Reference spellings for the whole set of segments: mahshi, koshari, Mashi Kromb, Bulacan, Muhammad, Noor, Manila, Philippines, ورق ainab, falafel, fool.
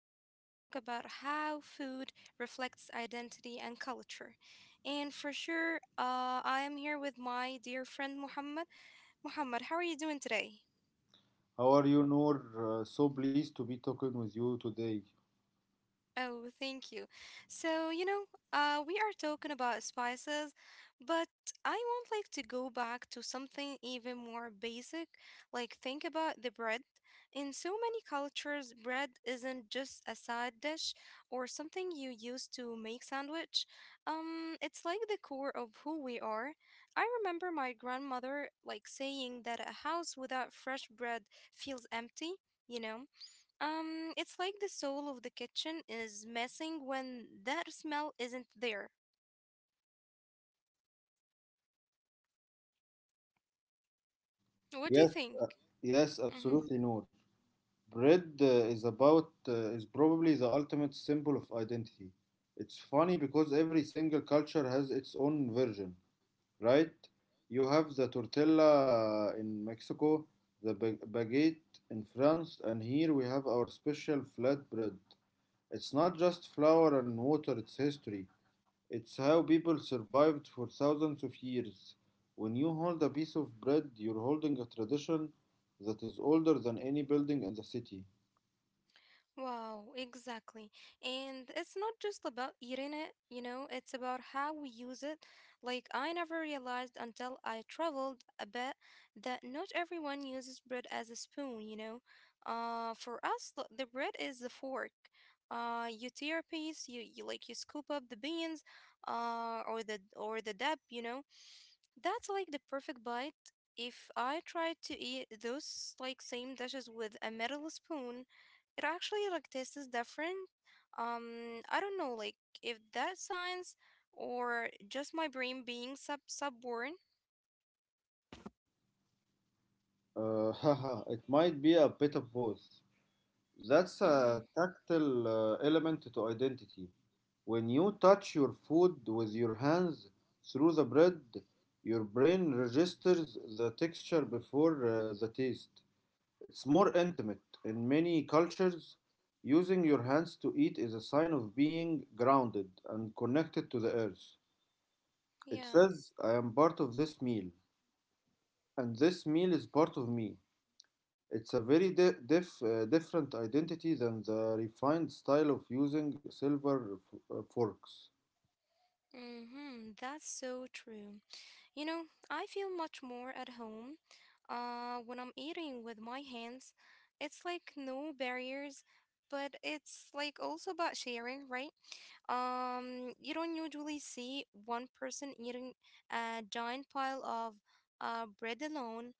we're going to talk about how food reflects identity and culture. And for sure, I am here with my dear friend Muhammad. Muhammad, how are you doing today? How are you, Noor? So pleased to be talking with you today. Oh, thank you. So, you know, we are talking about spices, but I want like to go back to something even more basic. Like think about the bread. In so many cultures, bread isn't just a side dish or something you use to make sandwich. It's like the core of who we are. I remember my grandmother like saying that a house without fresh bread feels empty, you know? It's like the soul of the kitchen is missing when that smell isn't there. What do you Yes, think? yes, Mm-hmm. absolutely, Noor. Bread is about is probably the ultimate symbol of identity. It's funny because every single culture has its own version, right? You have the tortilla in Mexico, the baguette in France, and here we have our special flatbread. It's not just flour and water; it's history. It's how people survived for thousands of years. When you hold a piece of bread, you're holding a tradition that is older than any building in the city. Wow, exactly. And it's not just about eating it, it's about how we use it. Like, I never realized until I traveled a bit that not everyone uses bread as a spoon. For us, the bread is the fork. You tear a piece, you like you scoop up the beans, or the dab, you know. That's like the perfect bite. If I tried to eat those like same dishes with a metal spoon, it actually like tastes different. I don't know, like if that's science or just my brain being subborn. Haha, it might be a bit of both. That's Mm-hmm. a tactile element to identity. When you touch your food with your hands through the bread, your brain registers the texture before the taste. It's more intimate. In many cultures, using your hands to eat is a sign of being grounded and connected to the earth. It Yeah. says, I am part of this meal, and this meal is part of me. It's a very different identity than the refined style of using silver forks. Mm-hmm. That's so true. You know, I feel much more at home uh, when I'm eating with my hands. It's like no barriers, but it's like also about sharing, right? You don't usually see one person eating a giant pile of bread alone.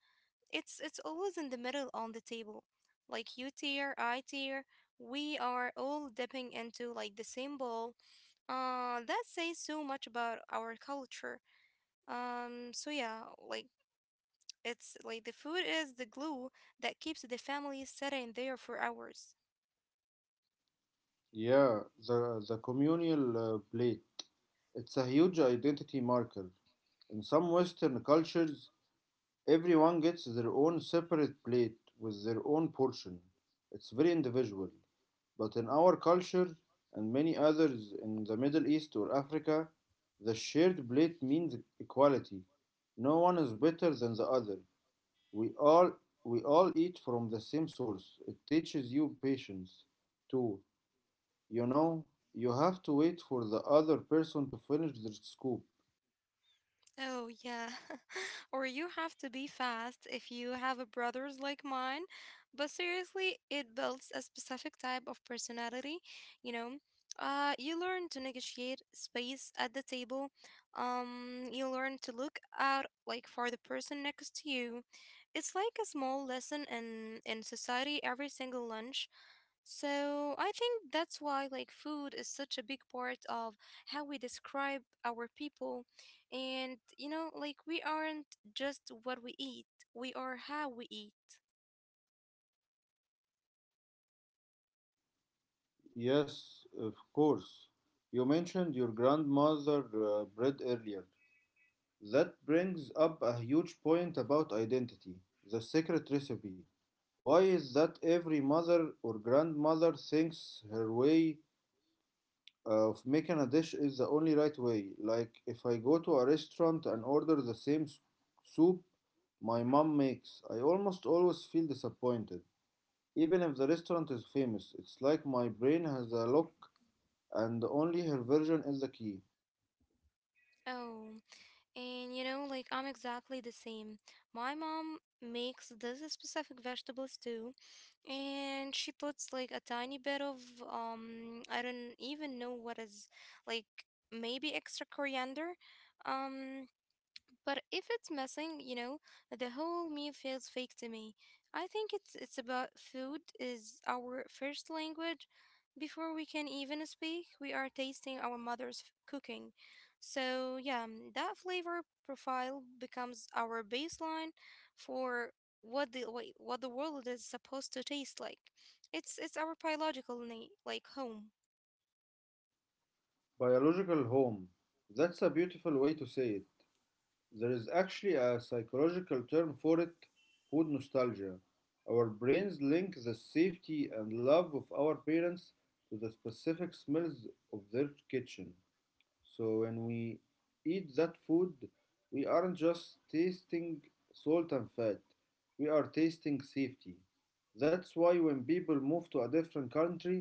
It's always in the middle on the table. Like you tier, I tier, we are all dipping into like the same bowl. That says so much about our culture. So yeah, like it's like the food is the glue that keeps the family sitting there for hours. Yeah, the communal plate. It's a huge identity marker. In some Western cultures, everyone gets their own separate plate with their own portion. It's very individual. But in our culture and many others in the Middle East or Africa, the shared plate means equality. No one is better than the other. We all we all eat from the same source. It teaches you patience too. You know, you have to wait for the other person to finish their scoop. Oh, yeah. Or you have to be fast if you have a brothers like mine. But seriously, it builds a specific type of personality, you know. You learn to negotiate space at the table. You learn to look out like for the person next to you. It's like a small lesson in society every single lunch. So I think that's why like food is such a big part of how we describe our people, and you know like we aren't just what we eat, we are how we eat. Yes, of course. You mentioned your grandmother bread earlier. That brings up a huge point about identity, the secret recipe. Why is that every mother or grandmother thinks her way of making a dish is the only right way? Like if I go to a restaurant and order the same soup my mom makes, I almost always feel disappointed. Even if the restaurant is famous, it's like my brain has a lock and only her version is the key. Oh, and you know like I'm exactly the same. My mom makes this specific vegetables too, and she puts like a tiny bit of um, I don't even know what is, like maybe extra coriander, um but if it's missing, you know, the whole meal feels fake to me. I think it's about food is our first language. Before we can even speak, we are tasting our cooking. So yeah, mm, that flavor profile becomes our baseline for what the what the world is supposed to taste like. It's our biological need, like home. Biological home. That's a beautiful way to say it. There is actually a psychological term for it, food nostalgia. Our brains link the safety and love of our parents to the specific smells of their kitchen. So when we eat that food, we aren't just tasting salt and fat, we are tasting safety. That's why when people move to a different country,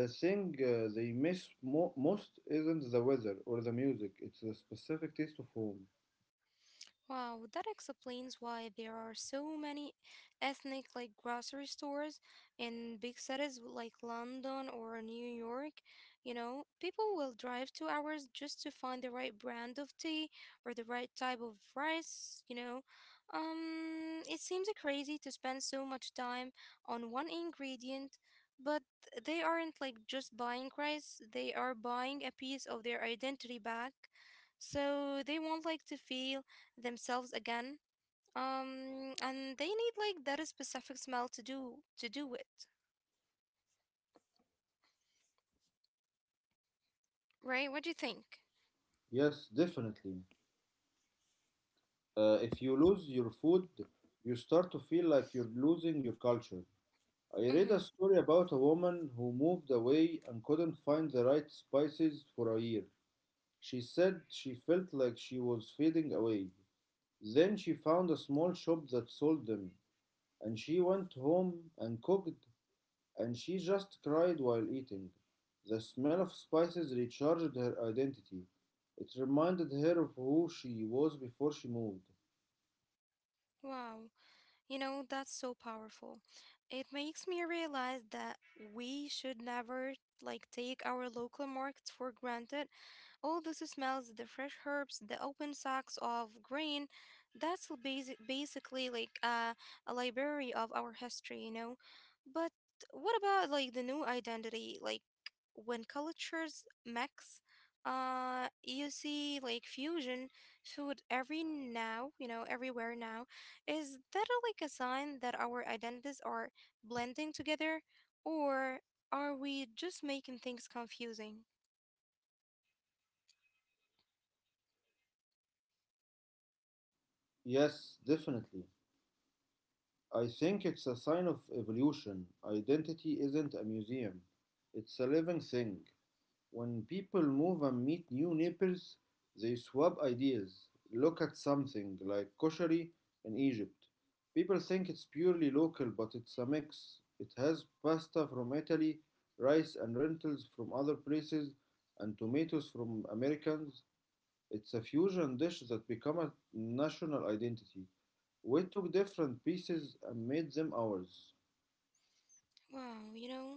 the thing most isn't the weather or the music, it's the specific taste of home. Wow, that explains why there are so many ethnic like grocery stores in big cities like London or New York. You know, people will drive 2 hours just to find the right brand of tea or the right type of rice, you know. It seems crazy to spend so much time on one ingredient, but they aren't like just buying rice, they are buying a piece of their identity back. So they want like to feel themselves again, um, and they need like that specific smell to do it, right? What do you think? Yes, definitely. If you lose your food, you start to feel like you're losing your culture. I read a Mm-hmm. story about a woman who moved away and couldn't find the right spices for a year. She said she felt like she was fading away. Then she found a small shop that sold them, and she went home and cooked, and she just cried while eating. The smell of spices recharged her identity. It reminded her of who she was before she moved. Wow, you know that's so powerful. It makes me realize that we should never like take our local markets for granted. All those smells, the fresh herbs, the open sacks of grain, that's basically like a library of our history, you know. But what about like the new identity? Like when cultures mix, you see like fusion food every everywhere now. Is that like a sign that our identities are blending together, or are we just making things confusing? Yes, definitely. I think it's a sign of evolution. Identity isn't a museum, it's a living thing. When people move and meet new neighbors, they swap ideas. Look at something like koshari in Egypt. People think it's purely local, but it's a mix. It has pasta from Italy, rice and lentils from other places, and tomatoes from Americans. It's a fusion dish that became a national identity. We took different pieces and made them ours. Wow, you know.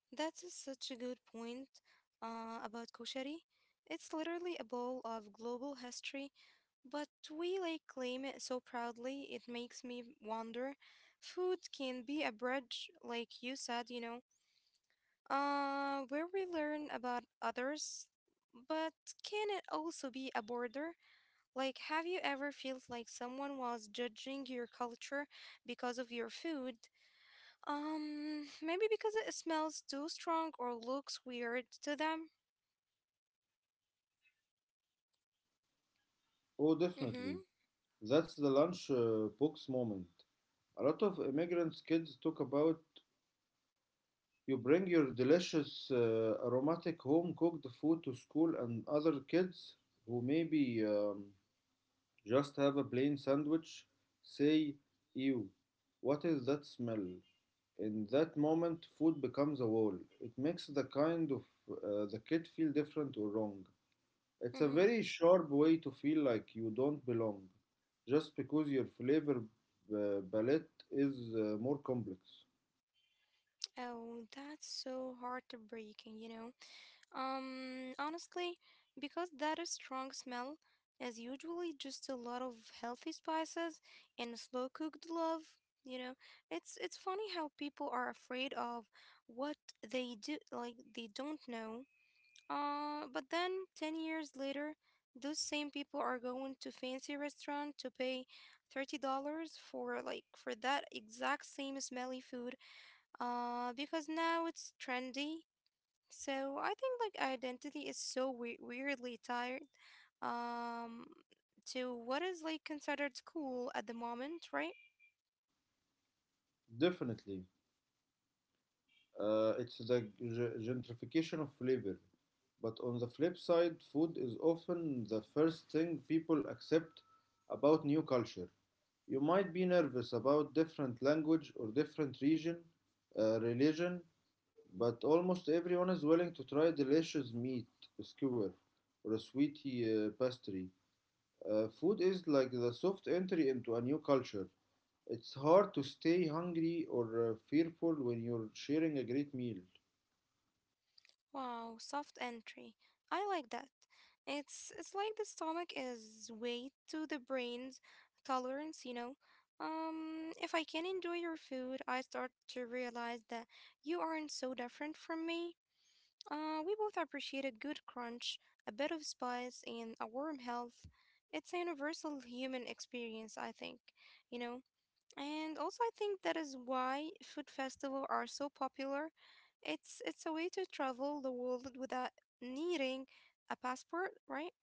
Such a good point about koshari. It's literally a bowl of global history, but we like claim it so proudly. It makes me wonder. Food can be a bridge, like you said, you know, where we learn about others. But can it also be a border? Like, have you ever felt like someone was judging your culture because of your food? Maybe because it smells too strong or looks weird to them. Oh, Mm-hmm. definitely. That's the lunchbox moment. A lot of immigrants' kids talk about, you bring your delicious, aromatic home cooked food to school, and other kids who maybe just have a plain sandwich say, "Ew, what is that smell?" In that moment, food becomes a wall. It makes the kind of the kid feel different or wrong. It's a Mm-hmm. very sharp way to feel like you don't belong, just because your flavor palette is more complex. Oh, that's so heartbreaking, you know. Honestly, because that is strong smell is usually just a lot of healthy spices and slow cooked love, you know. It's funny how people are afraid of what they do like they don't know. But then 10 years later, those same people are going to fancy restaurant to pay $30 for that exact same smelly food uh, because now it's trendy. So I think like identity is so weirdly tired um to what is like considered cool at the moment, right? Definitely. It's the gentrification of flavor. But on the flip side, food is often the first thing people accept about new culture. You might be nervous about different language or different region, religion, but almost everyone is willing to try delicious meat skewer or a sweetie pastry. Food is like the soft entry into a new culture. It's hard to stay hungry or fearful when you're sharing a great meal. Wow, soft entry. I like that. It's like the stomach is weight to the brain's tolerance, you know. If I can enjoy your food, I start to realize that you aren't so different from me. We both appreciate a good crunch, a bit of spice, and a warm health. It's a universal human experience, I think. You know, and also, I think that is why food festivals are so popular. It's a way to travel the world without needing a passport, right?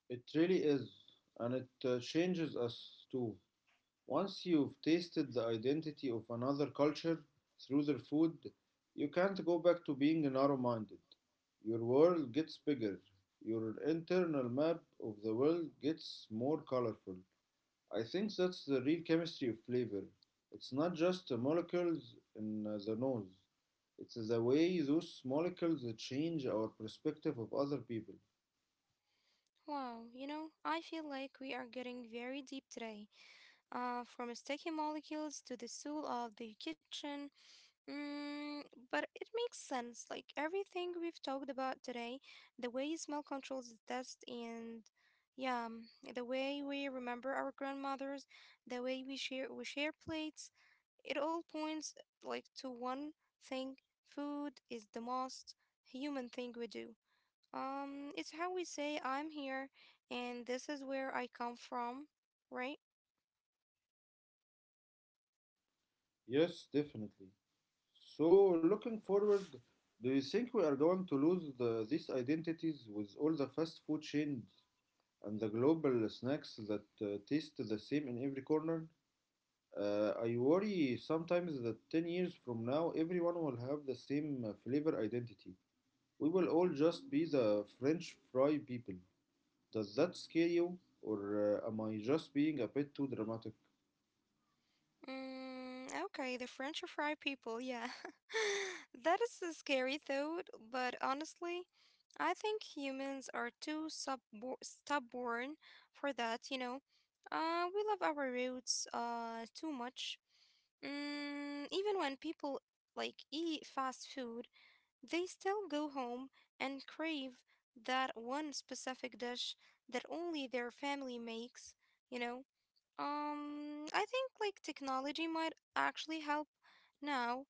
It really is, and it changes us too. Once you've tasted the identity of another culture through their food, you can't go back to being narrow minded. Your world gets bigger, your internal map of the world gets more colorful. I think that's the real chemistry of flavor. It's not just the molecules in the nose, it's the way those molecules change our perspective of other people. Wow, you know, I feel like we are getting very deep today. From sticky molecules to the soul of the kitchen. Mm, but it makes sense. Like everything we've talked about today, the way smell controls the taste, and yeah, mm, the way we remember our grandmothers, the way we share plates. It all points like to one thing. Food is the most human thing we do. It's how we say I'm here and this is where I come from, right? Yes, definitely. So, looking forward, do you think we are going to lose these identities with all the fast food chains and the global snacks that taste the same in every corner? I worry sometimes that 10 years from now, everyone will have the same flavor identity. We will all just be the French fry people. Does that scare you? Or am I just being a bit too dramatic? Mm, okay, the French fry people, yeah. That is a scary thought, but honestly, I think humans are too stubborn for that, you know. We love our roots too much. Mm, even when people like eat fast food, they still go home and crave that one specific dish that only their family makes, you know? I think like technology might actually help now.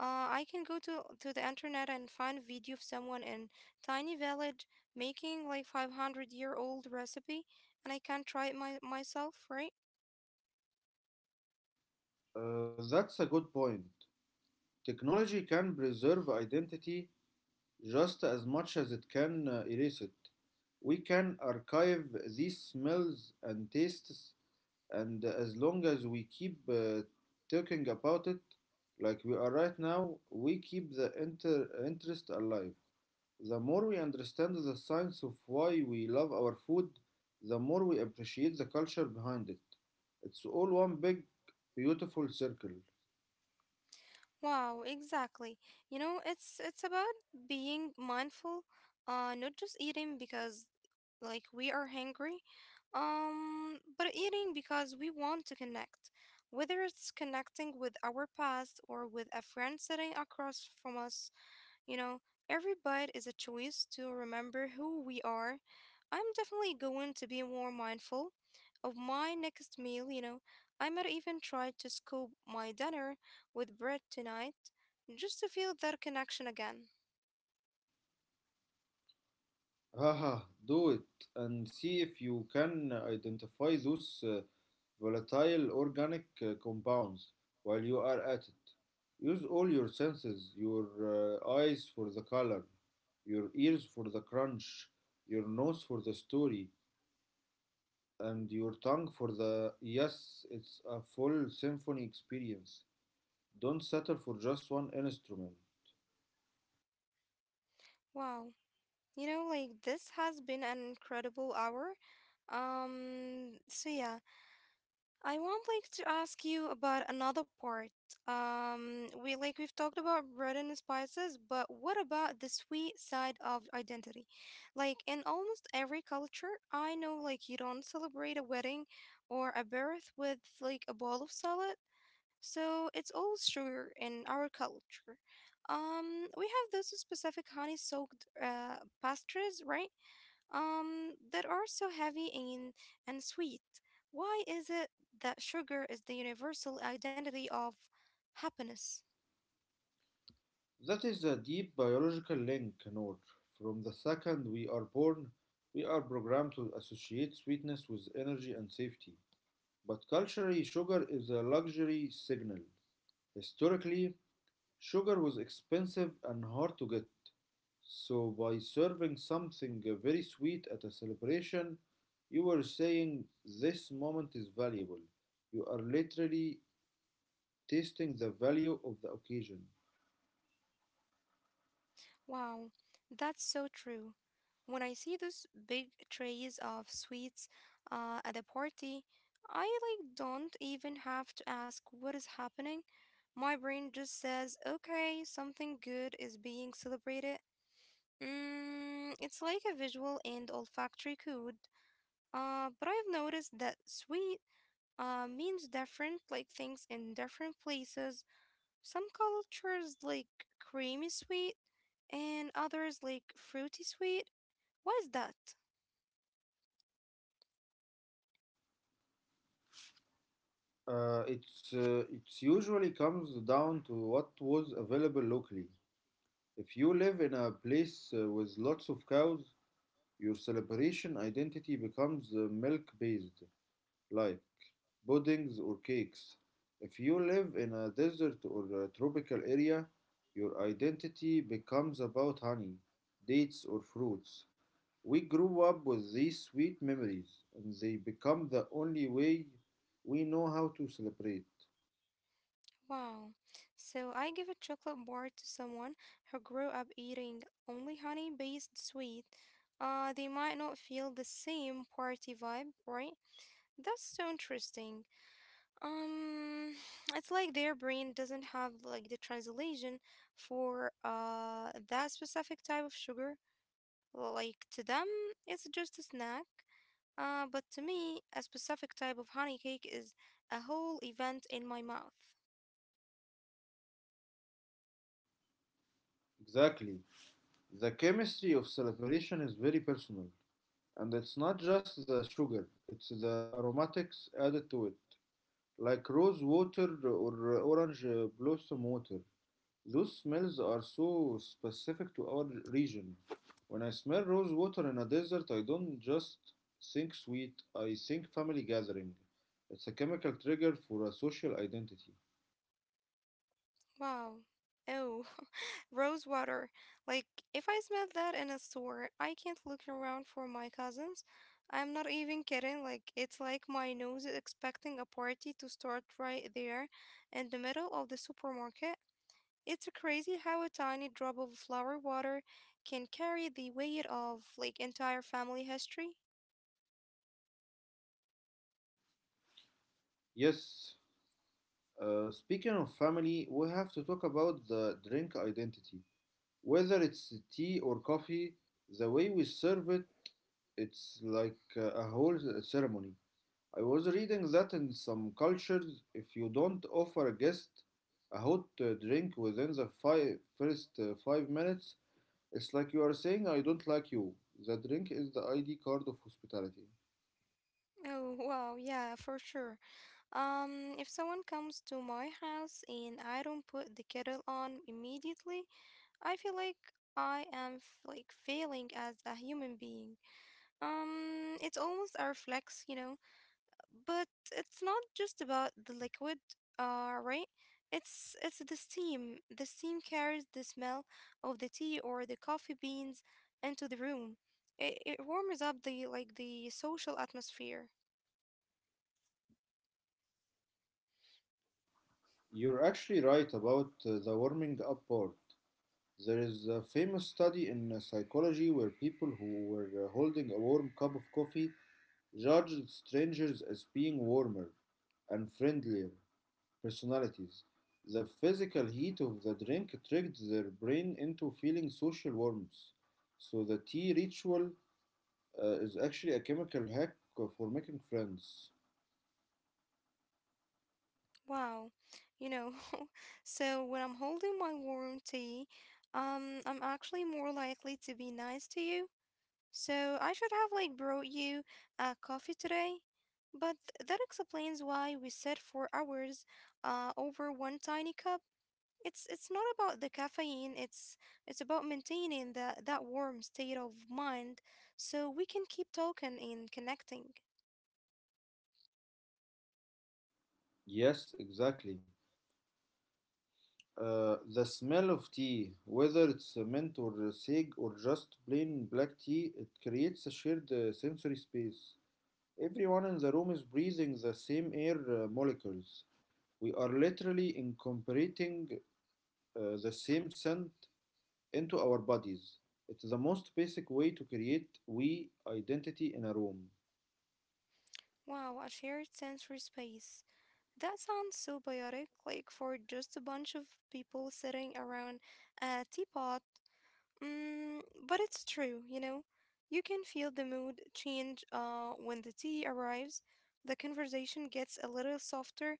I can go to the internet and find a video of someone in tiny village making like 500-year-old recipe, and I can try it myself, right? That's a good point. Technology can preserve identity just as much as it can erase it. We can archive these smells and tastes, and as long as we keep talking about it, like we are right now, we keep the interest alive. The more we understand the science of why we love our food, the more we appreciate the culture behind it. It's all one big, beautiful circle. Wow, exactly. You know, it's about being mindful, not just eating because like we are hungry, but eating because we want to connect. Whether it's connecting with our past or with a friend sitting across from us, you know, every bite is a choice to remember who we are. I'm definitely going to be more mindful of my next meal, you know. I might even try to scoop my dinner with bread tonight just to feel that connection again. Haha, do it and see if you can identify those volatile organic compounds while you are at it. Use all your senses, your eyes for the color, your ears for the crunch, your nose for the story, and your tongue for the yes, it's a full symphony experience. Don't settle for just one instrument. Wow. You know, like this has been an incredible hour. So yeah. I want like to ask you about another part. We like we've talked about bread and spices, but what about the sweet side of identity? Like in almost every culture, I know like you don't celebrate a wedding or a birth with like a bowl of salad. So it's all sugar in our culture. We have those specific honey-soaked uh, pastries, right? That are so heavy and sweet. Why is it that sugar is the universal identity of happiness? That is a deep biological link, Noor. From the second we are born, we are programmed to associate sweetness with energy and safety. But culturally, sugar is a luxury signal. Historically, sugar was expensive and hard to get, so by serving something very sweet at a celebration, you were saying this moment is valuable. You are literally tasting the value of the occasion. Wow, that's so true. When I see those big trays of sweets at the party, I like don't even have to ask what is happening. My brain just says, okay, something good is being celebrated. Mm, it's like a visual and olfactory code. But I've noticed that sweet means different like things in different places. Some cultures like creamy sweet and others like fruity sweet. What is that? It's usually comes down to what was available locally. If you live in a place with lots of cows, your celebration identity becomes milk based life, puddings, or cakes. If you live in a desert or a tropical area, your identity becomes about honey, dates, or fruits. We grew up with these sweet memories, and they become the only way we know how to celebrate. Wow. So I give a chocolate bar to someone who grew up eating only honey based sweet. They might not feel the same party vibe, right? That's so interesting. Um, it's like their brain doesn't have like the translation for uh, that specific type of sugar. Like to them, it's just a snack. But to me, a specific type of honey cake is a whole event in my mouth. Exactly. The chemistry of celebration is very personal, and it's not just the sugar, it's the aromatics added to it, like rose water or orange blossom water. Those smells are so specific to our region. When I smell rose water in a desert, I don't just think sweet, I think family gathering. It's a chemical trigger for a social identity. Wow. Oh, rose water. Like, if I smell that in a store, I can't look around for my cousins. I'm not even kidding. Like, it's like my nose is expecting a party to start right there in the middle of the supermarket. It's crazy how a tiny drop of flower water can carry the weight of, like, entire family history. Yes, speaking of family, we have to talk about the drink identity. Whether it's tea or coffee, the way we serve it, it's like a whole ceremony. I was reading that in some cultures, if you don't offer a guest a hot drink within the first 5 minutes, it's like you are saying, I don't like you. The drink is the ID card of hospitality. Oh, wow. Yeah, for sure. If someone comes to my house and I don't put the kettle on immediately, I feel like I am like failing as a human being. It's almost a reflex, you know. But it's not just about the liquid, right? It's the steam. The steam carries the smell of the tea or the coffee beans into the room. It warms up the like the social atmosphere. You're actually right about the warming up part. There is a famous study in psychology where people who were holding a warm cup of coffee judged strangers as being warmer and friendlier personalities. The physical heat of the drink tricked their brain into feeling social warmth. So the tea ritual is actually a chemical hack for making friends. Wow. You know, so when I'm holding my warm tea, I'm actually more likely to be nice to you. So I should have like brought you a coffee today. But that explains why we sat for hours over one tiny cup. It's not about the caffeine, it's about maintaining that warm state of mind so we can keep talking and connecting. Yes, exactly. The smell of tea, whether it's mint or sage or just plain black tea, it creates a shared sensory space. Everyone in the room is breathing the same air molecules. We are literally incorporating the same scent into our bodies. It's the most basic way to create we identity in a room. Wow, a shared sensory space. That sounds so biotic, like for just a bunch of people sitting around a teapot. Mm, but it's true, you know. You can feel the mood change when the tea arrives. The conversation gets a little softer,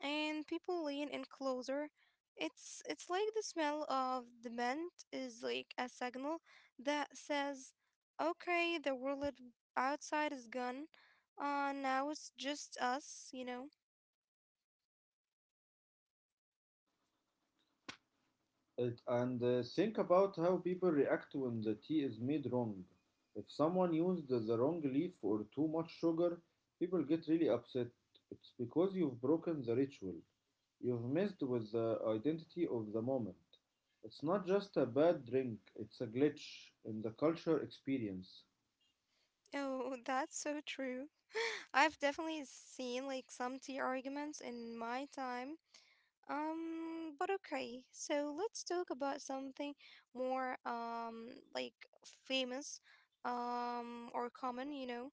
and people lean in closer. It's like the smell of the mint is like a signal that says, "Okay, the world outside is gone. Now it's just us," you know. It, and think about how people react when the tea is made wrong. If someone used the wrong leaf or too much sugar, people get really upset. It's because you've broken the ritual. You've messed with the identity of the moment. It's not just a bad drink, it's a glitch in the culture experience. Oh, that's so true. I've definitely seen like some tea arguments in my time. But okay. So let's talk about something more like famous or common, you know.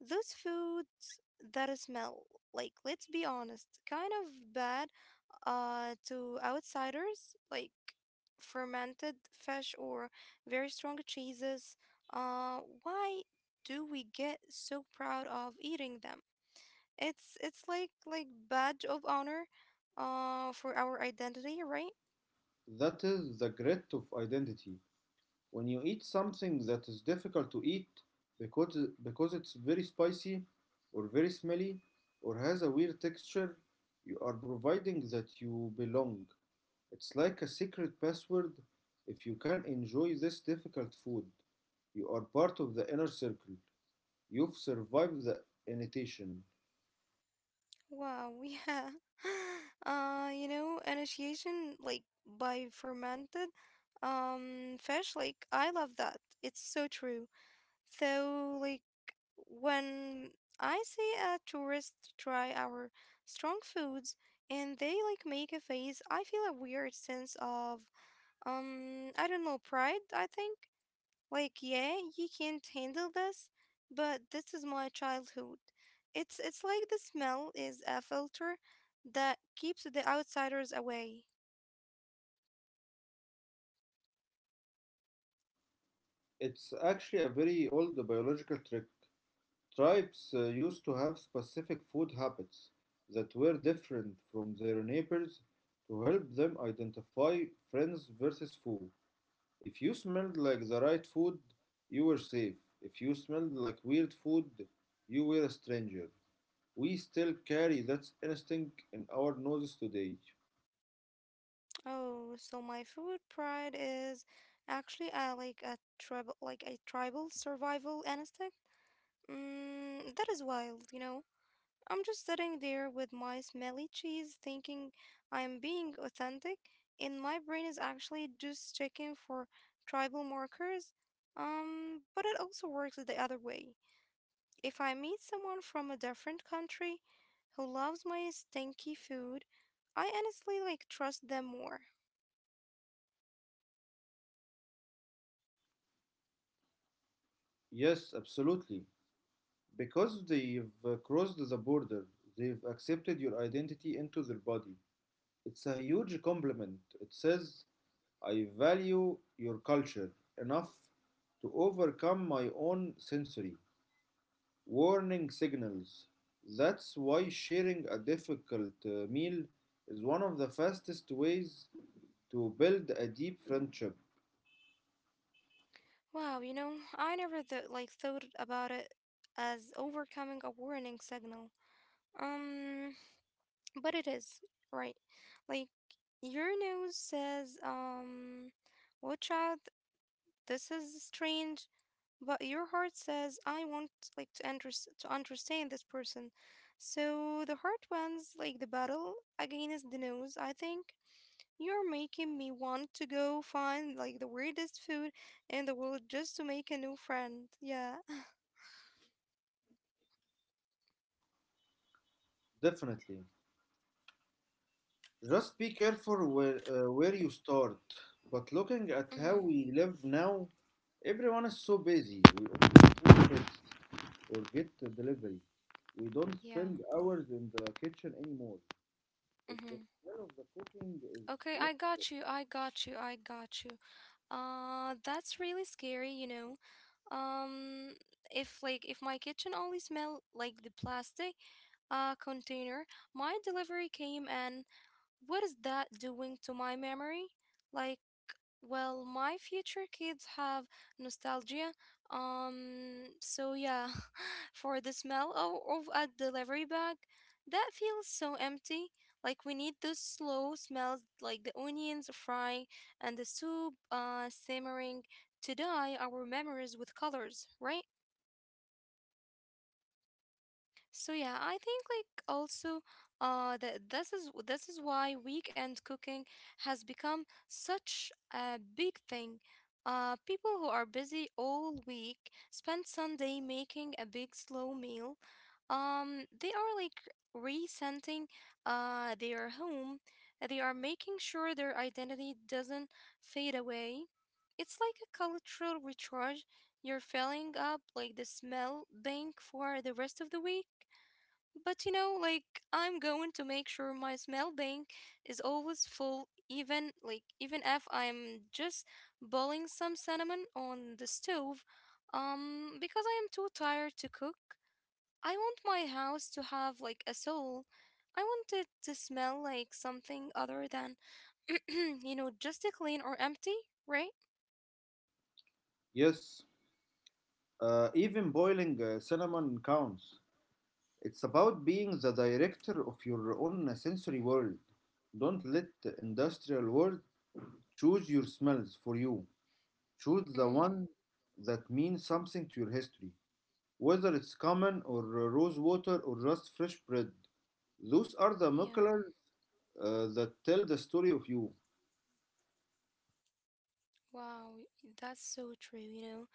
Those foods that smell like, let's be honest, kind of bad to outsiders, like fermented fish or very strong cheeses. Why do we get so proud of eating them? It's like like badge of honor, for our identity, right? That is the grit of identity. When you eat something that is difficult to eat because because it's very spicy or very smelly or has a weird texture, you are providing that you belong. It's like a secret password. If you can enjoy this difficult food, you are part of the inner circle. You've survived the initiation. Wow, yeah. You know, initiation like by fermented, fish. Like I love that. It's so true. So, like, when I see a tourist try our strong foods and they like make a face, I feel a weird sense of, I don't know, pride, I think. Like, yeah, you can't handle this, but this is my childhood. It's like the smell is a filter that keeps the outsiders away. It's actually a very old biological trick. Tribes used to have specific food habits that were different from their neighbors to help them identify friends versus foe. If you smelled like the right food, you were safe. If you smelled like weird food, you were a stranger. We still carry that instinct in our noses today. Oh, so my food pride is actually a like a tribal survival instinct. That is wild, you know. I'm just sitting there with my smelly cheese thinking I'm being authentic, and my brain is actually just checking for tribal markers. But it also works the other way. If I meet someone from a different country who loves my stinky food, I honestly like trust them more. Yes, absolutely. Because they've crossed the border, they've accepted your identity into their body. It's a huge compliment. It says, I value your culture enough to overcome my own sensory warning signals. That's why sharing a difficult meal is one of the fastest ways to build a deep friendship. Wow, you know, I never like thought about it as overcoming a warning signal. Um, But it is, right? Like your nose says, watch out, this is strange, but your heart says, I want like to understand this person. So the heart wins like the battle against the nose, I think. You're making me want to go find like the weirdest food in the world just to make a new friend. Yeah. Definitely. Just be careful where you start. But looking at how Mm-hmm. we live now, everyone is so busy. We all have kids, or get a delivery. We don't Yeah. spend hours in the kitchen anymore. If the Mm-hmm. smell of the cooking is Okay, what- I got you. I got you. I got you. That's really scary, you know. Um, if like if my kitchen only smell like the plastic container, my delivery came and what is that doing to my memory? Like well, my future kids have nostalgia. So yeah, for the smell of a delivery bag, that feels so empty. Like we need those slow smells, like the onions frying and the soup simmering, to dye our memories with colors, right? So yeah, I think like also that this is why weekend cooking has become such a big thing. Uh, people who are busy all week spend Sunday making a big slow meal. Um, they are like resenting their home. They are making sure their identity doesn't fade away. It's like a cultural recharge. You're filling up like the smell bank for the rest of the week. But you know, like I'm going to make sure my smell bank is always full even if I'm just boiling some cinnamon on the stove. Um, because I am too tired to cook. I want my house to have like a soul. I want it to smell like something other than you know, just a clean or empty, right? Yes, even boiling cinnamon counts. It's about being the director of your own sensory world. Don't let the industrial world choose your smells for you. Choose the Mm-hmm. one that means something to your history. Whether it's common or rose water or just fresh bread. Those are the Yeah. molecular that tell the story of you. Wow, that's so true, you know.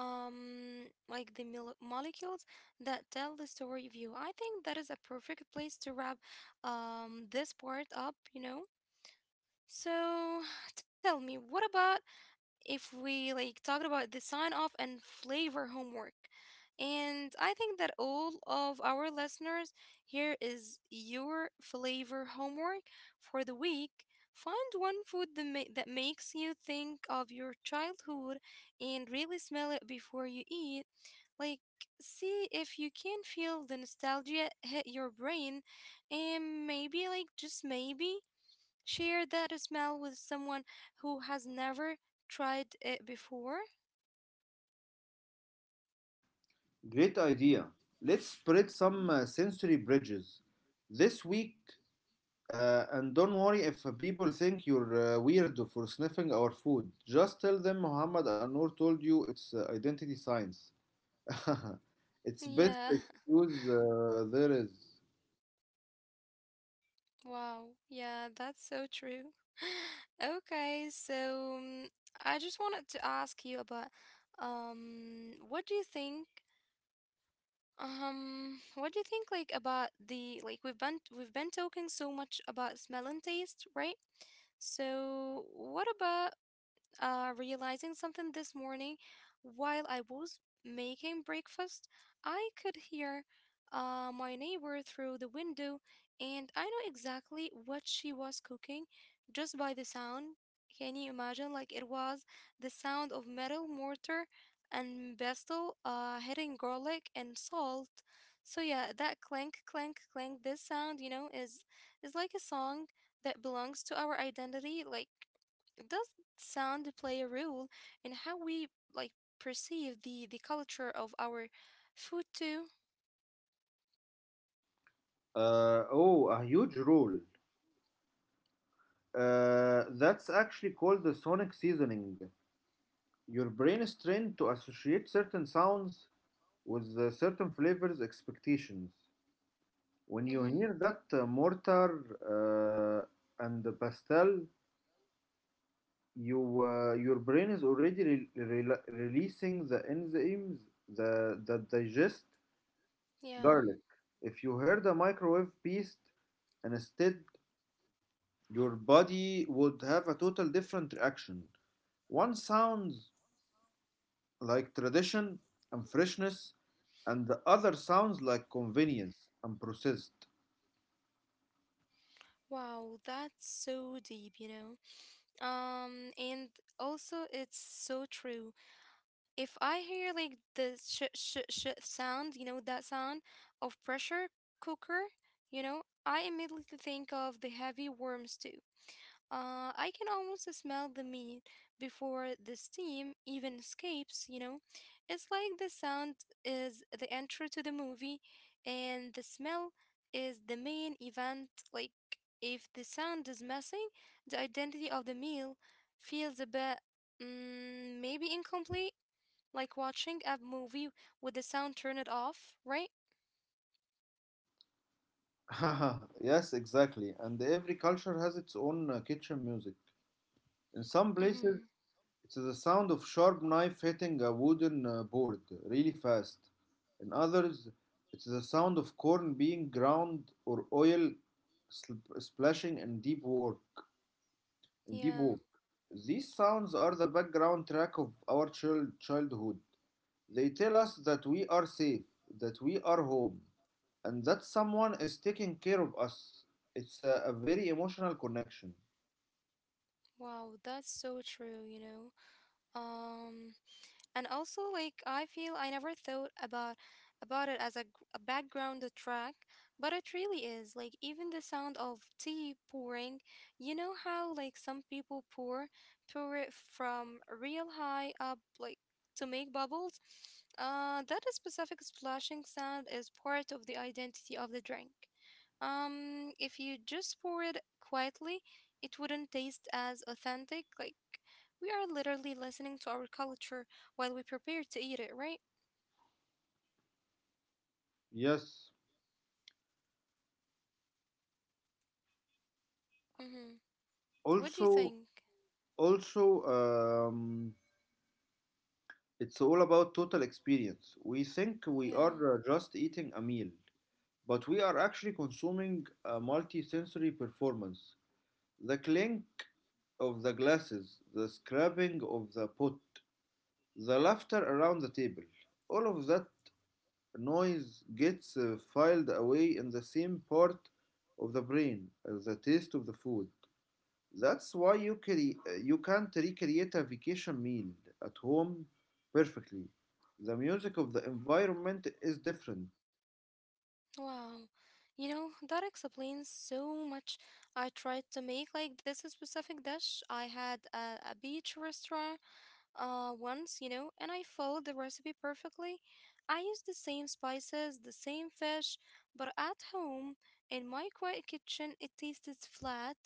Um, like the molecules that tell the story of you, I think that is a perfect place to wrap this part up, you know. So tell me, what about if we like talked about the sign off and flavor homework, and I think that all of our listeners, here is your flavor homework for the week: find one food that, that makes you think of your childhood and really smell it before you eat, like, see if you can feel the nostalgia hit your brain, and maybe, like, just maybe, share that smell with someone who has never tried it before. Great idea. Let's spread some sensory bridges this week. And don't worry if people think you're weirdo for sniffing our food. Just tell them Muhammad and Noor told you it's identity science. It's best Yeah, excuse there is. wow, yeah, that's so true. Okay, so I just wanted to ask you about um what do you think what do you think like about the like we've been talking so much about smell and taste, right? So, what about realizing something this morning. While I was making breakfast, I could hear my neighbor through the window, and I know exactly what she was cooking just by the sound. Can you imagine? Like it was the sound of metal mortar and pestle hitting garlic and salt. So yeah, that clank, clank, clank. This sound, you know, is like a song that belongs to our identity. Like does sound play a role in how we like perceive the culture of our food too. Oh, a huge rule. That's actually called the sonic seasoning. Your brain is trained to associate certain sounds with the certain flavors expectations. When you Mm-hmm. hear that mortar and the pastel, your brain is already releasing the enzymes that digest Yeah. garlic. If you heard a microwave beast, and instead your body would have a total different reaction. One sounds like tradition and freshness, and the other sounds like convenience and processed. Wow, that's so deep, you know. And also it's so true. If I hear like the sh sh sh sound, you know, that sound of pressure cooker, you know, I immediately think of the heavy worm stew. I can almost smell the meat before the steam even escapes, you know? It's like the sound is the intro to the movie, and the smell is the main event. Like, if the sound is missing, the identity of the meal feels a bit, maybe incomplete, like watching a movie with the sound turned off, right? Yes, exactly. And every culture has its own kitchen music. In some Mm-hmm. places, it's the sound of sharp knife hitting a wooden board really fast. In others, it's the sound of corn being ground or oil sl- splashing in deep work. In deep Yeah. work. These sounds are the background track of our childhood. They tell us that we are safe, that we are home and that someone is taking care of us. It's a very emotional connection. Wow, that's so true, you know? Um, And also, like I feel I never thought about it as a, a background track, but it really is. Like even the sound of tea pouring, you know how like some people pour it from real high up, like to make bubbles. That specific splashing sound is part of the identity of the drink. If you just pour it quietly, it wouldn't taste as authentic. Like we are literally listening to our culture while we prepare to eat it, right? Yes. Mm-hmm. What do you Also, think? also, um, it's all about total experience. We think we Yeah. are just eating a meal, but we are actually consuming a multi-sensory performance. The clink of the glasses, the scrubbing of the pot, the laughter around the table. All of that noise gets filed away in the same part of the brain as the taste of the food. That's why you can't recreate a vacation meal at home perfectly. The music of the environment is different. Wow. You know, that explains so much. I tried to make like this specific dish I had at a beach restaurant once, you know, and I followed the recipe perfectly. I used the same spices, the same fish, but at home, in my quiet kitchen, it tasted flat.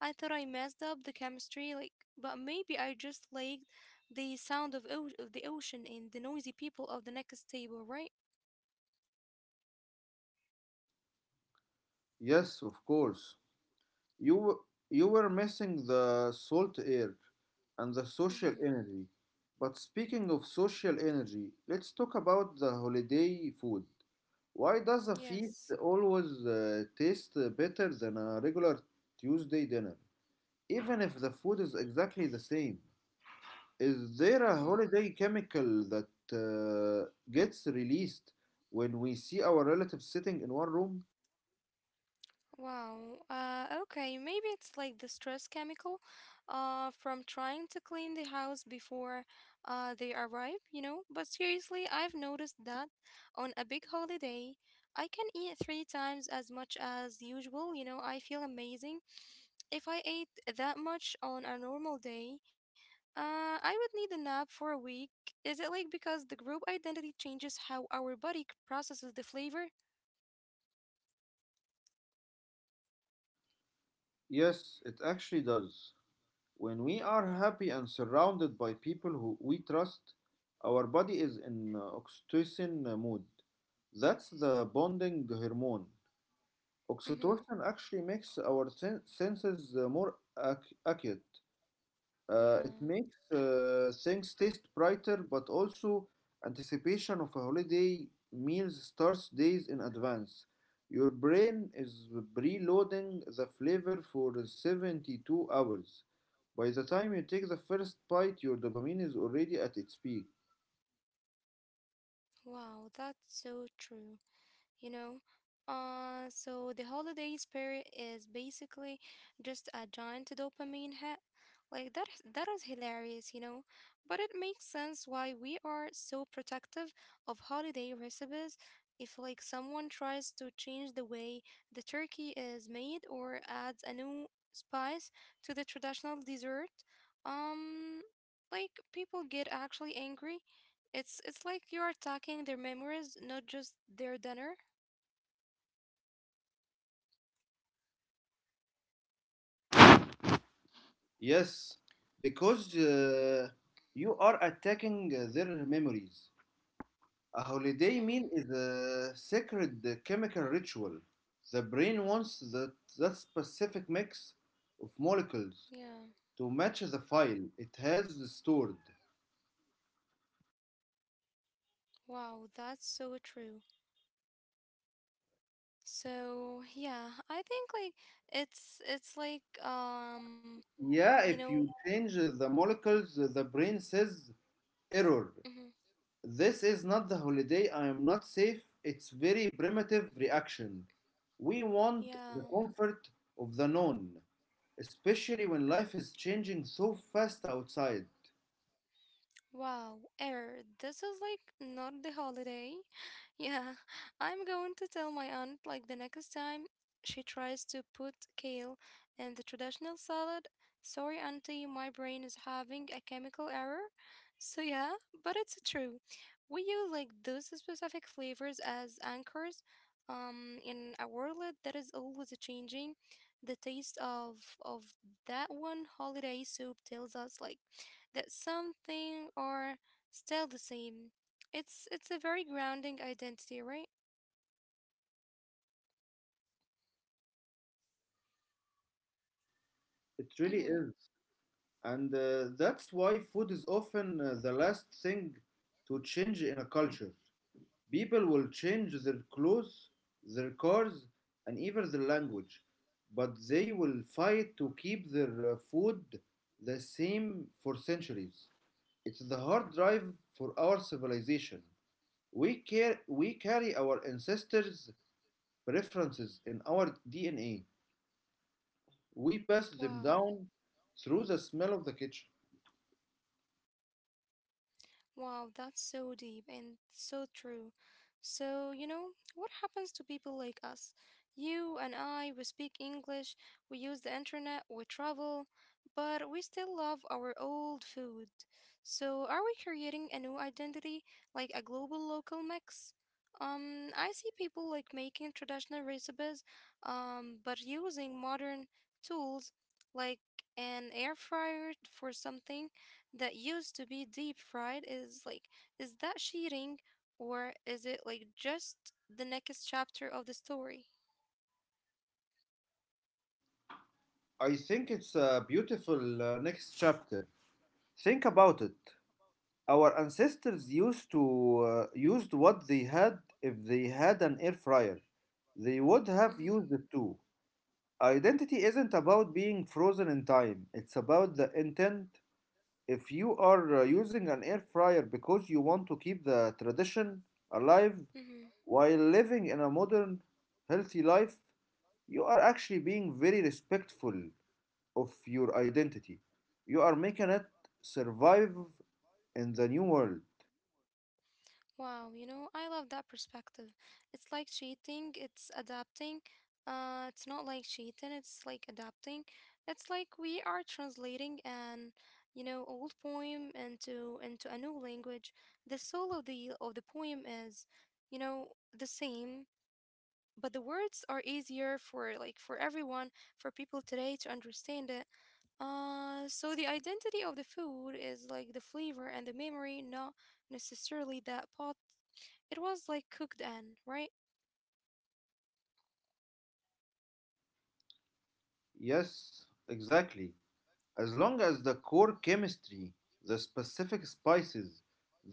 I thought I messed up the chemistry, like, but maybe I just liked the sound of, of the ocean and the noisy people of the next table, right? Yes, of course. You you were missing the salt air and the social Mm-hmm. energy. But speaking of social energy, let's talk about the holiday food. Why does a feast Yes. always taste better than a regular Tuesday dinner, even if the food is exactly the same? Is there a Mm-hmm. holiday chemical that gets released when we see our relatives sitting in one room? Wow. Okay, maybe it's like the stress chemical from trying to clean the house before they arrive, you know? But seriously, I've noticed that on a big holiday, I can eat three times as much as usual, you know? I feel amazing. If I ate that much on a normal day, I would need a nap for a week. Is it like because the group identity changes how our body processes the flavor? Yes, it actually does. When we are happy and surrounded by people who we trust, our body is in oxytocin mood. That's the bonding hormone. Mm-hmm. Oxytocin actually makes our senses more acute. It Yeah. makes things taste brighter, but also anticipation of a holiday meals starts days in advance. Your brain is preloading the flavor for 72 hours. By the time you take the first bite, your dopamine is already at its peak. Wow, that's so true, you know. So the holiday spirit is basically just a giant dopamine hit. Like that is hilarious, you know. But it makes sense why we are so protective of holiday recipes. If like someone tries to change the way the turkey is made or adds a new spice to the traditional dessert, um, like people get actually angry. It's like you're attacking their memories, not just their dinner. Yes, because you are attacking their memories. A holiday Mm-hmm. meal is a sacred chemical ritual. The brain wants that specific mix of molecules Yeah. to match the file it has stored. Wow, that's so true. So yeah, I think like it's like you Yeah, if know you change the molecules, the brain says error. mm-hmm. This is not the holiday. I am not safe. It's very primitive reaction. We want Yeah, the comfort of the known, especially when life is changing so fast outside. wow, error. This is like not the holiday. Yeah, I'm going to tell my aunt like the next time she tries to put kale in the traditional salad. Sorry, auntie, my brain is having a chemical error. So, yeah, but it's true. We use those specific flavors as anchors in a world that is always changing. The taste of that one holiday soup tells us that something are still the same. It's a very grounding identity, right? It really Mm-hmm. is. And that's why food is often the last thing to change in a culture. People will change their clothes, their cars, and even their language, but they will fight to keep their food the same for centuries. It's the hard drive for our civilization. We carry our ancestors' preferences in our DNA. We pass them Wow. down through the smell of the kitchen. Wow, that's so deep and so true. So, what happens to people like us? You and I, we speak English, we use the internet, we travel, but we still love our old food. So, are we creating a new identity, like a global local mix? I see people making traditional recipes, but using modern tools like an air fryer for something that used to be deep fried. Is like is that cheating, or is it just the next chapter of the story? I think it's a beautiful next chapter. Think about it. Our ancestors used to used what they had if they had an air fryer. They would have mm-hmm, used it too. Identity isn't about being frozen in time. It's about the intent. If you are using an air fryer because you want to keep the tradition alive mm-hmm. while living in a modern, healthy life, you are actually being very respectful of your identity. You are making it survive in the new world. Wow, I love that perspective. it's like cheating it's adapting it's not cheating, it's adapting. It's like we are translating an, old poem into a new language. The soul of the poem is, you know the same, but the words are easier for for everyone, for people today to understand it. Uh so the identity of the food is like the flavor and the memory, not necessarily that pot it was cooked in, right? Yes, exactly. As long as the core chemistry, the specific spices,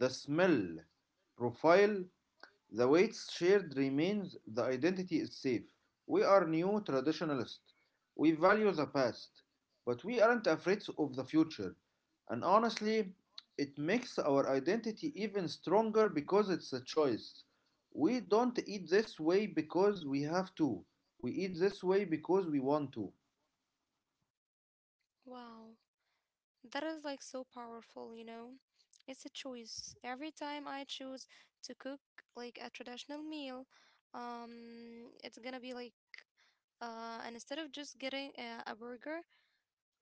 the smell profile the weights shared remains, the identity is safe. We are new traditionalists. We value the past, but we aren't afraid of the future. And honestly, it makes our identity even stronger because it's a choice. We don't eat this way because we have to. We eat this way because we want to. Wow, that is so powerful, you know. It's a choice. Every time I choose to cook a traditional meal, it's gonna be like and instead of just getting a burger,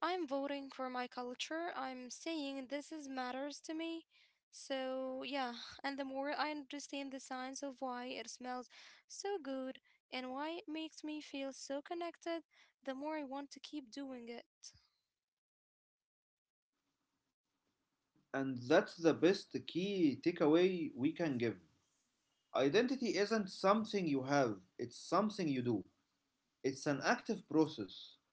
I'm voting for my culture. I'm saying this is matters to me. So yeah, and the more I understand the science of why it smells so good and why it makes me feel so connected, the more I want to keep doing it. And that's the best key takeaway we can give. Identity isn't something you have, it's something you do. It's an active process.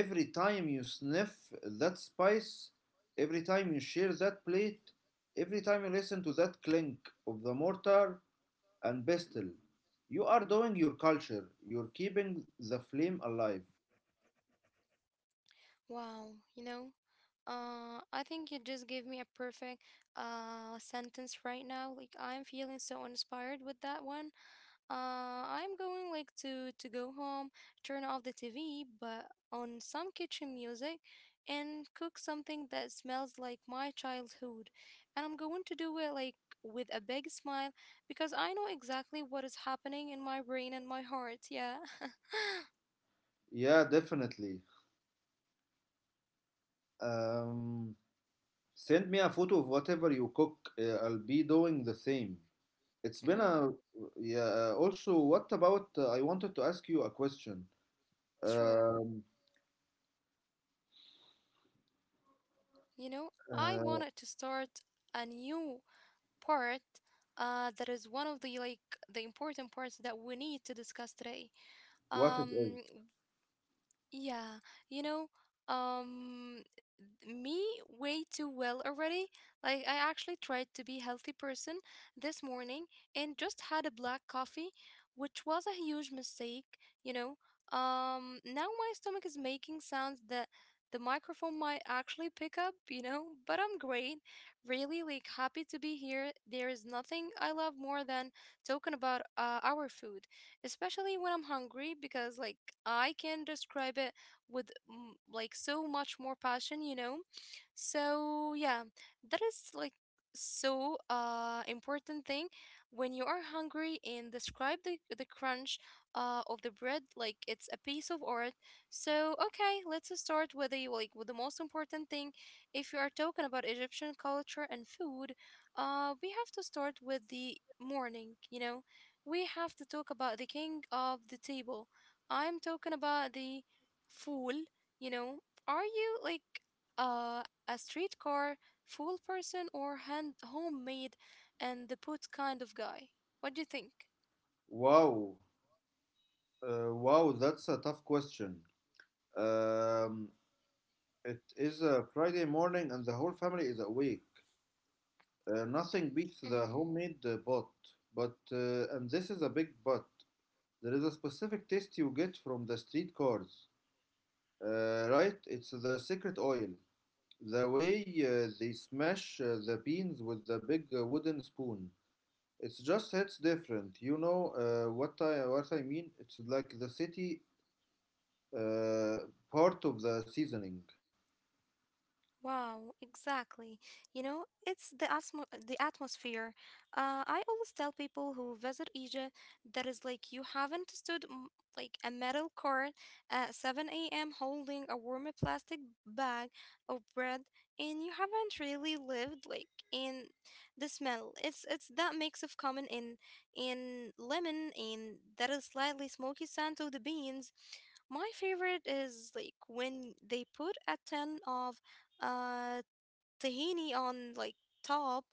Every time you sniff that spice, every time you share that plate, every time you listen to that clink of the mortar and pestle, you are doing your culture. You're keeping the flame alive. Wow, you know, I think you just gave me a perfect sentence right now. Like I'm feeling so inspired with that one. I'm going to go home, turn off the TV, but on some kitchen music, and cook something that smells like my childhood. And I'm going to do it with a big smile because I know exactly what is happening in my brain and my heart. Yeah. Yeah, definitely. Um, Send me a photo of whatever you cook. I'll be doing the same. It's been Mm-hmm. a yeah. Also, what about? I wanted to ask you a question. Sure. Um, You know, I uh, wanted to start a new part that is one of the the important parts that we need to discuss today. what it is? Um, Yeah, you know, um, me way too well already. Like, I actually tried to be healthy person this morning and just had a black coffee, which was a huge mistake, you know. Now my stomach is making sounds that the microphone might actually pick up, you know, but I'm great. Really, like, happy to be here. There is nothing I love more than talking about our food, especially when I'm hungry because I can describe it with like so much more passion, you know? So yeah, that is so important thing when you are hungry, and describe the crunch of the bread like it's a piece of art. So okay, let's start with the, with the most important thing. If you are talking about Egyptian culture and food, we have to start with the morning, you know. We have to talk about the king of the table. I'm talking about the fool, you know. Are you a streetcar fool person, or hand homemade and the put kind of guy? What do you think? Wow, wow, that's a tough question. Um, it is a Friday morning and the whole family is awake. Nothing beats the homemade pot. And this is a big but, there is a specific taste you get from the street cars, right? It's the secret oil. The way they smash the beans with the big wooden spoon. It's just hits different. You know what I mean? It's like the city uh, part of the seasoning. Wow, exactly. You know, it's the the atmosphere. I always tell people who visit Egypt that is like you haven't stood like a metal court at 7 a.m. holding a warm plastic bag of bread, and you haven't really lived like in the smell. It's that mix of common in lemon, and that is slightly smoky scent of the beans. My favorite is like when they put a ton of uh tahini on top.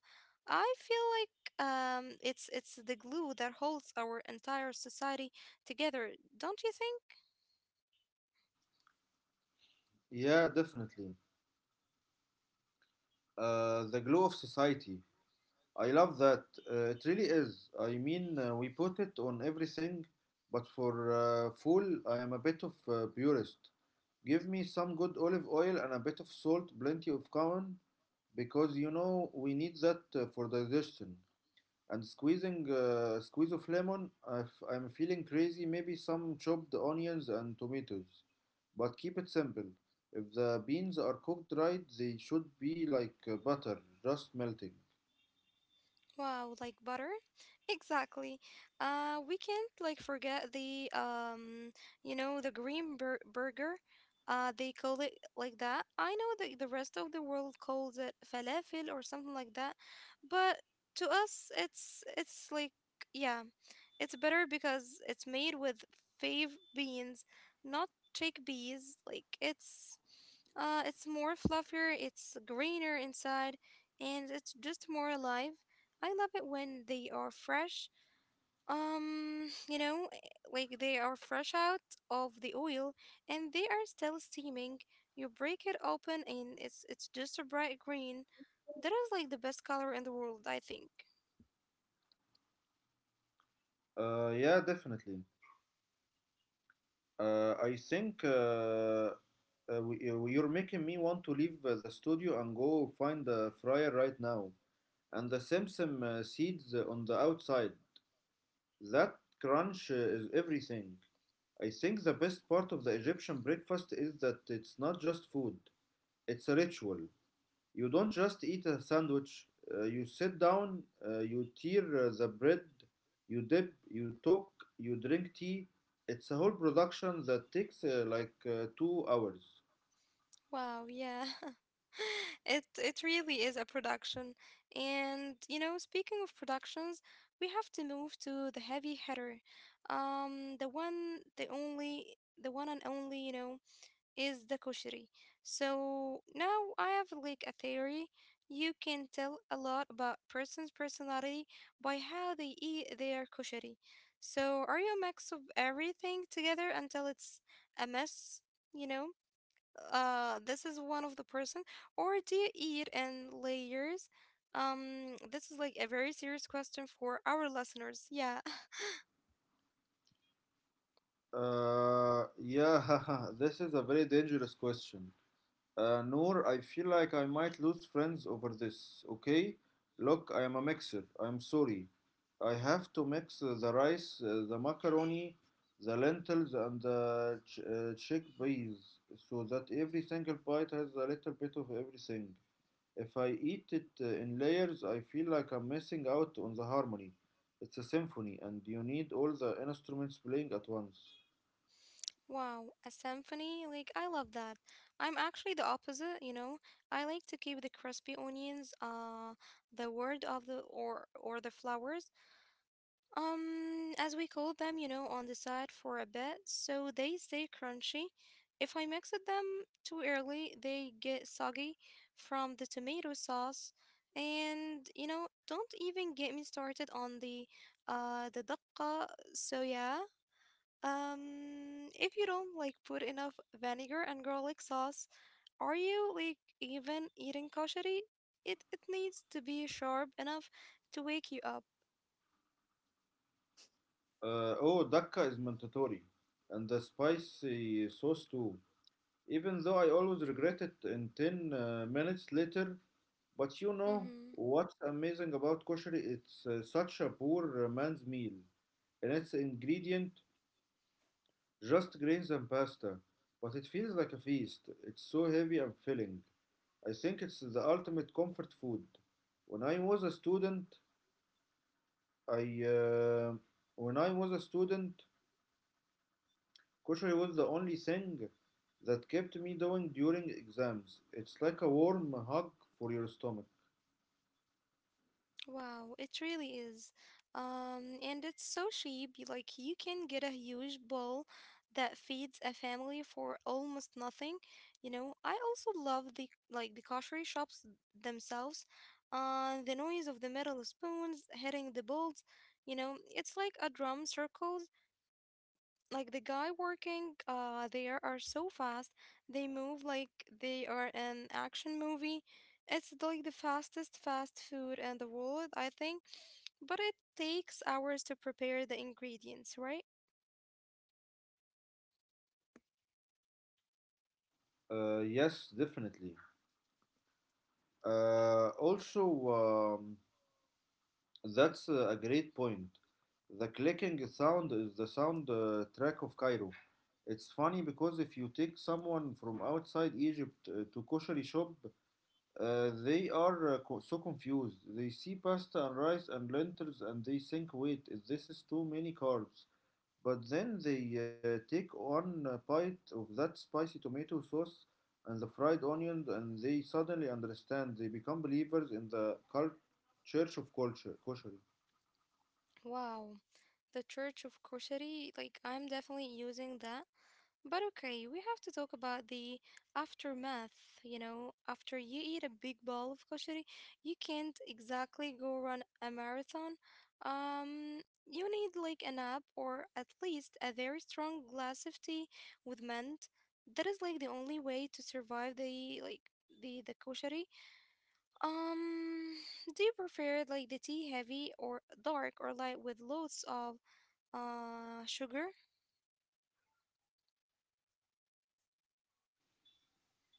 I feel like it's the glue that holds our entire society together, don't you think? Yeah, definitely. The glow of society. I love that. It really is. I mean, we put it on everything, but for fool, I am a bit of a purist. Give me some good olive oil and a bit of salt, plenty of cumin, because you know we need that for digestion. And squeezing squeeze of lemon if I'm feeling crazy, maybe some chopped onions and tomatoes. But keep it simple. If the beans are cooked right, they should be like butter, just melting. Wow, like butter? Exactly. We can't forget the, the green burger. They call it like that. I know that the rest of the world calls it falafel or something like that, but to us, it's like, yeah, it's better because it's made with fave beans, not chickpeas. Like it's more fluffier, it's greener inside, and it's just more alive. I love it when they are fresh. Um, you know, eh, like they are fresh out of the oil and they are still steaming. You break it open and it's just a bright green. That is like the best color in the world, I think. Yeah, definitely. Uh, I think uh, you're making me want to leave the studio and go find the fryer right now. And the Simsim seeds on the outside. That crunch is everything. I think the best part of the Egyptian breakfast is that it's not just food, it's a ritual. You don't just eat a sandwich, you sit down, you tear the bread, you dip, you talk, you drink tea. It's a whole production that takes 2 hours. Wow, yeah. It really is a production. And you know, speaking of productions, we have to move to the heavy hitter. Um, the one, the only, the one and only, you know, is the kosheri. So now I have like a theory. You can tell a lot about person's personality by how they eat their kosheri. So are you a mix of everything together until it's a mess, you know? This is one of the person, or do you eat in layers? This is like a very serious question for our listeners. Yeah. Yeah, this is a very dangerous question. Noor, I feel like I might lose friends over this, okay? Look, I am a mixer. I'm sorry. I have to mix the rice, the macaroni, the lentils, and the chickpeas so that every single bite has a little bit of everything. If I eat it in layers, I feel like I'm missing out on the harmony. It's a symphony, and you need all the instruments playing at once. Wow, a symphony? Like, I love that. I'm actually the opposite, you know. I like to keep the crispy onions, the word of the, or the flowers, as we call them, you know, on the side for a bit, so they stay crunchy. If I mix it them too early, they get soggy from the tomato sauce. And, you know, don't even get me started on the, the dakka. So yeah. If you don't put enough vinegar and garlic sauce, are you even eating kashari? It needs to be sharp enough to wake you up. Oh, dakka is mandatory, and the spicy sauce too. Even though I always regret it in 10 minutes later. But you know what's amazing about koshari? It's such a poor man's meal, and its ingredient just grains and pasta, but it feels like a feast. It's so heavy and filling. I think it's the ultimate comfort food. When I was a student, I uh, when I was a student, Kushari was the only thing that kept me going during exams. It's like a warm hug for your stomach. Wow, it really is. And it's so cheap. Like you can get a huge bowl that feeds a family for almost nothing. You know, I also love the, the kosher shops themselves. The noise of the metal spoons hitting the bowls. You know, it's like a drum circle. Like the guy working there are so fast, they move like they are an action movie. It's like the fastest fast food in the world, I think, but it takes hours to prepare the ingredients, right? Yes, definitely. Uh, also, um, that's a great point. The clicking sound is the sound track of Cairo. It's funny because if you take someone from outside Egypt to kosher shop, so confused. They see pasta and rice and lentils and they think, wait, is this is too many carbs. But then they take one a bite of that spicy tomato sauce and the fried onions, and they suddenly understand. They become believers in the church of culture, kosher. Wow, the church of koshari, like I'm definitely using that. But okay, we have to talk about the aftermath. You know, after you eat a big bowl of koshari, you can't exactly go run a marathon. You need like a nap, or at least a very strong glass of tea with mint. That is like the only way to survive the, the koshari. Um, do you prefer the tea heavy or dark, or light with loads of sugar?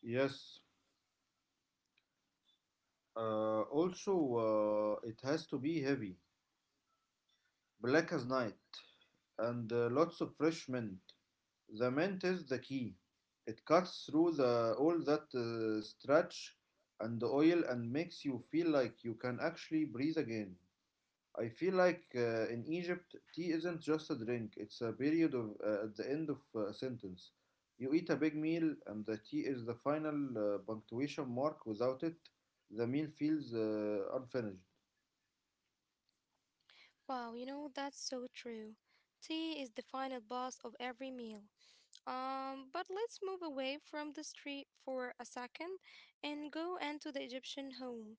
Yes. It has to be heavy, black as night, and lots of fresh mint. The mint is the key. It cuts through the all that starch and the oil and makes you feel like you can actually breathe again. I feel like in Egypt, tea isn't just a drink, it's a period of at the end of a sentence. You eat a big meal, and the tea is the final punctuation mark. Without it, the meal feels unfinished. Wow, you know, that's so true. Tea is the final boss of every meal. But let's move away from the street for a second and go into the Egyptian home.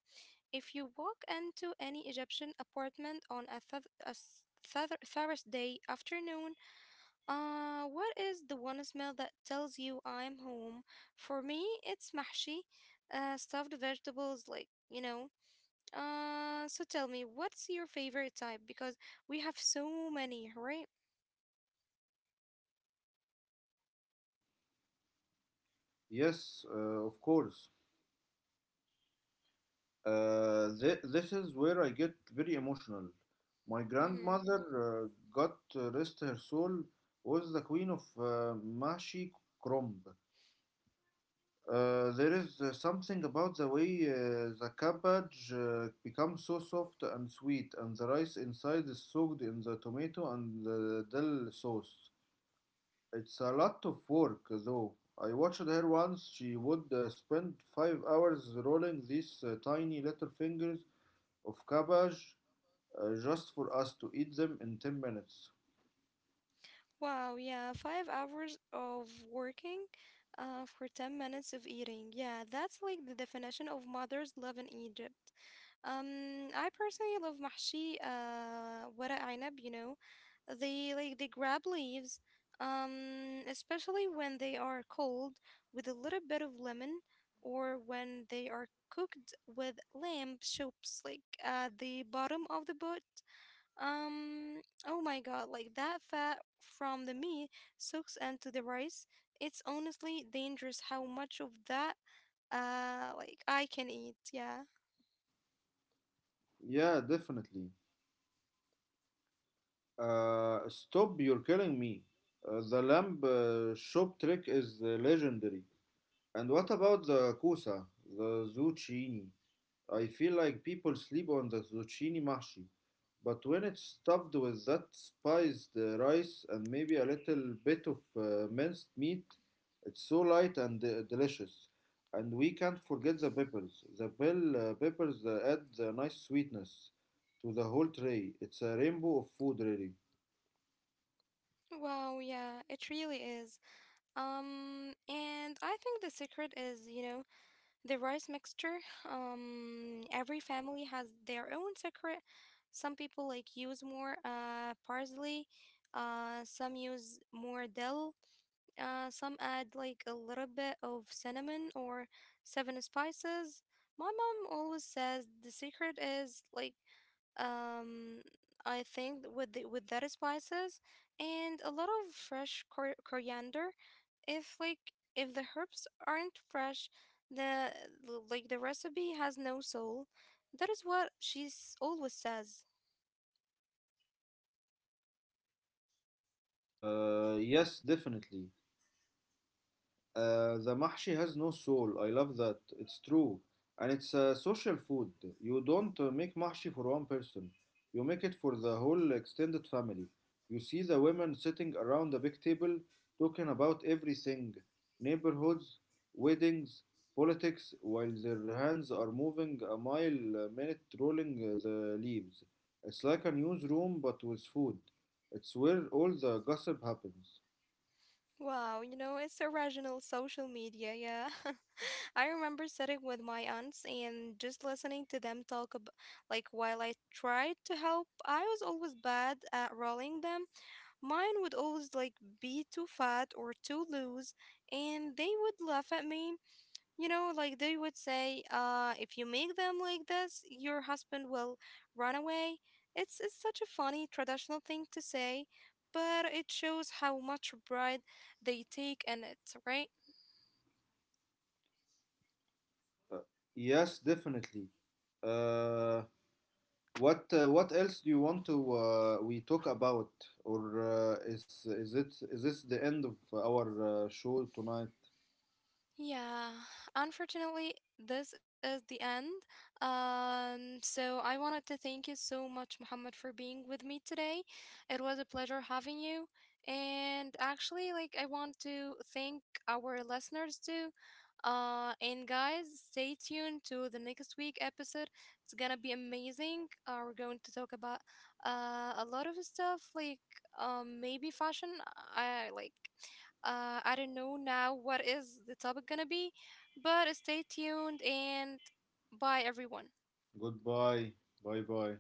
If you walk into any Egyptian apartment on a Thursday afternoon, what is the one smell that tells you I'm home? For me, it's mahshi, stuffed vegetables, like, you know. So tell me, what's your favorite type? Because we have so many, right? Yes, of course. This is where I get very emotional. My Mm-hmm. grandmother, God rest her soul, was the queen of Mashi Kromb. There is something about the way the cabbage becomes so soft and sweet, and the rice inside is soaked in the tomato and the dill sauce. It's a lot of work, though. I watched her once. She would spend 5 hours rolling these tiny little fingers of cabbage just for us to eat them in 10 minutes. Wow, yeah, 5 hours of working for 10 minutes of eating. Yeah, that's like the definition of mother's love in Egypt. I personally love mahshi, ورق ainab, you know. They they grab leaves, especially when they are cold with a little bit of lemon, or when they are cooked with lamb chops like at the bottom of the boat. Um, oh my god, like that fat from the meat soaks into the rice. It's honestly dangerous how much of that like I can eat, yeah. Yeah, definitely. Stop, you're killing me. The lamb shop trick is legendary. And what about the kusa, the zucchini? I feel like people sleep on the zucchini mashi, but when it's stuffed with that spiced rice and maybe a little bit of minced meat, it's so light and delicious. And we can't forget the peppers. The bell peppers add the nice sweetness to the whole tray. It's a rainbow of food, really. Wow, yeah, it really is. And I think the secret is, you know, the rice mixture. Every family has their own secret. Some people use more parsley, some use more dill, some add like a little bit of cinnamon or seven spices. My mom always says the secret is like, um I think with with that spices and a lot of fresh coriander. If like if the herbs aren't fresh, the like the recipe has no soul. That is what she always says. Yes, definitely. The mahshi has no soul. I love that. It's true. And it's a social food. You don't make mahshi for one person. You make it for the whole extended family. You see the women sitting around the big table talking about everything, neighborhoods, weddings, politics, while their hands are moving a mile a minute rolling the leaves. It's like a newsroom but with food. It's where all the gossip happens. Wow, you know, it's original social media, yeah. I remember sitting with my aunts and just listening to them talk about, like, while I tried to help. I was always bad at rolling them. Mine would always, like, be too fat or too loose, and they would laugh at me. You know, like they would say, if you make them like this, your husband will run away. It's such a funny traditional thing to say, but it shows how much pride they take in it, right? Yes, definitely. Uh, what else do you want to we talk about, or is it is this the end of our show tonight? Yeah, unfortunately, this is the end. So I wanted to thank you so much, Muhammad, for being with me today. It was a pleasure having you. And actually, like, I want to thank our listeners too. And guys, stay tuned to the next week episode. It's gonna be amazing. We're going to talk about a lot of stuff, like, maybe fashion. I like. I don't know now what is the topic gonna be, but stay tuned, and bye everyone. Goodbye, bye bye.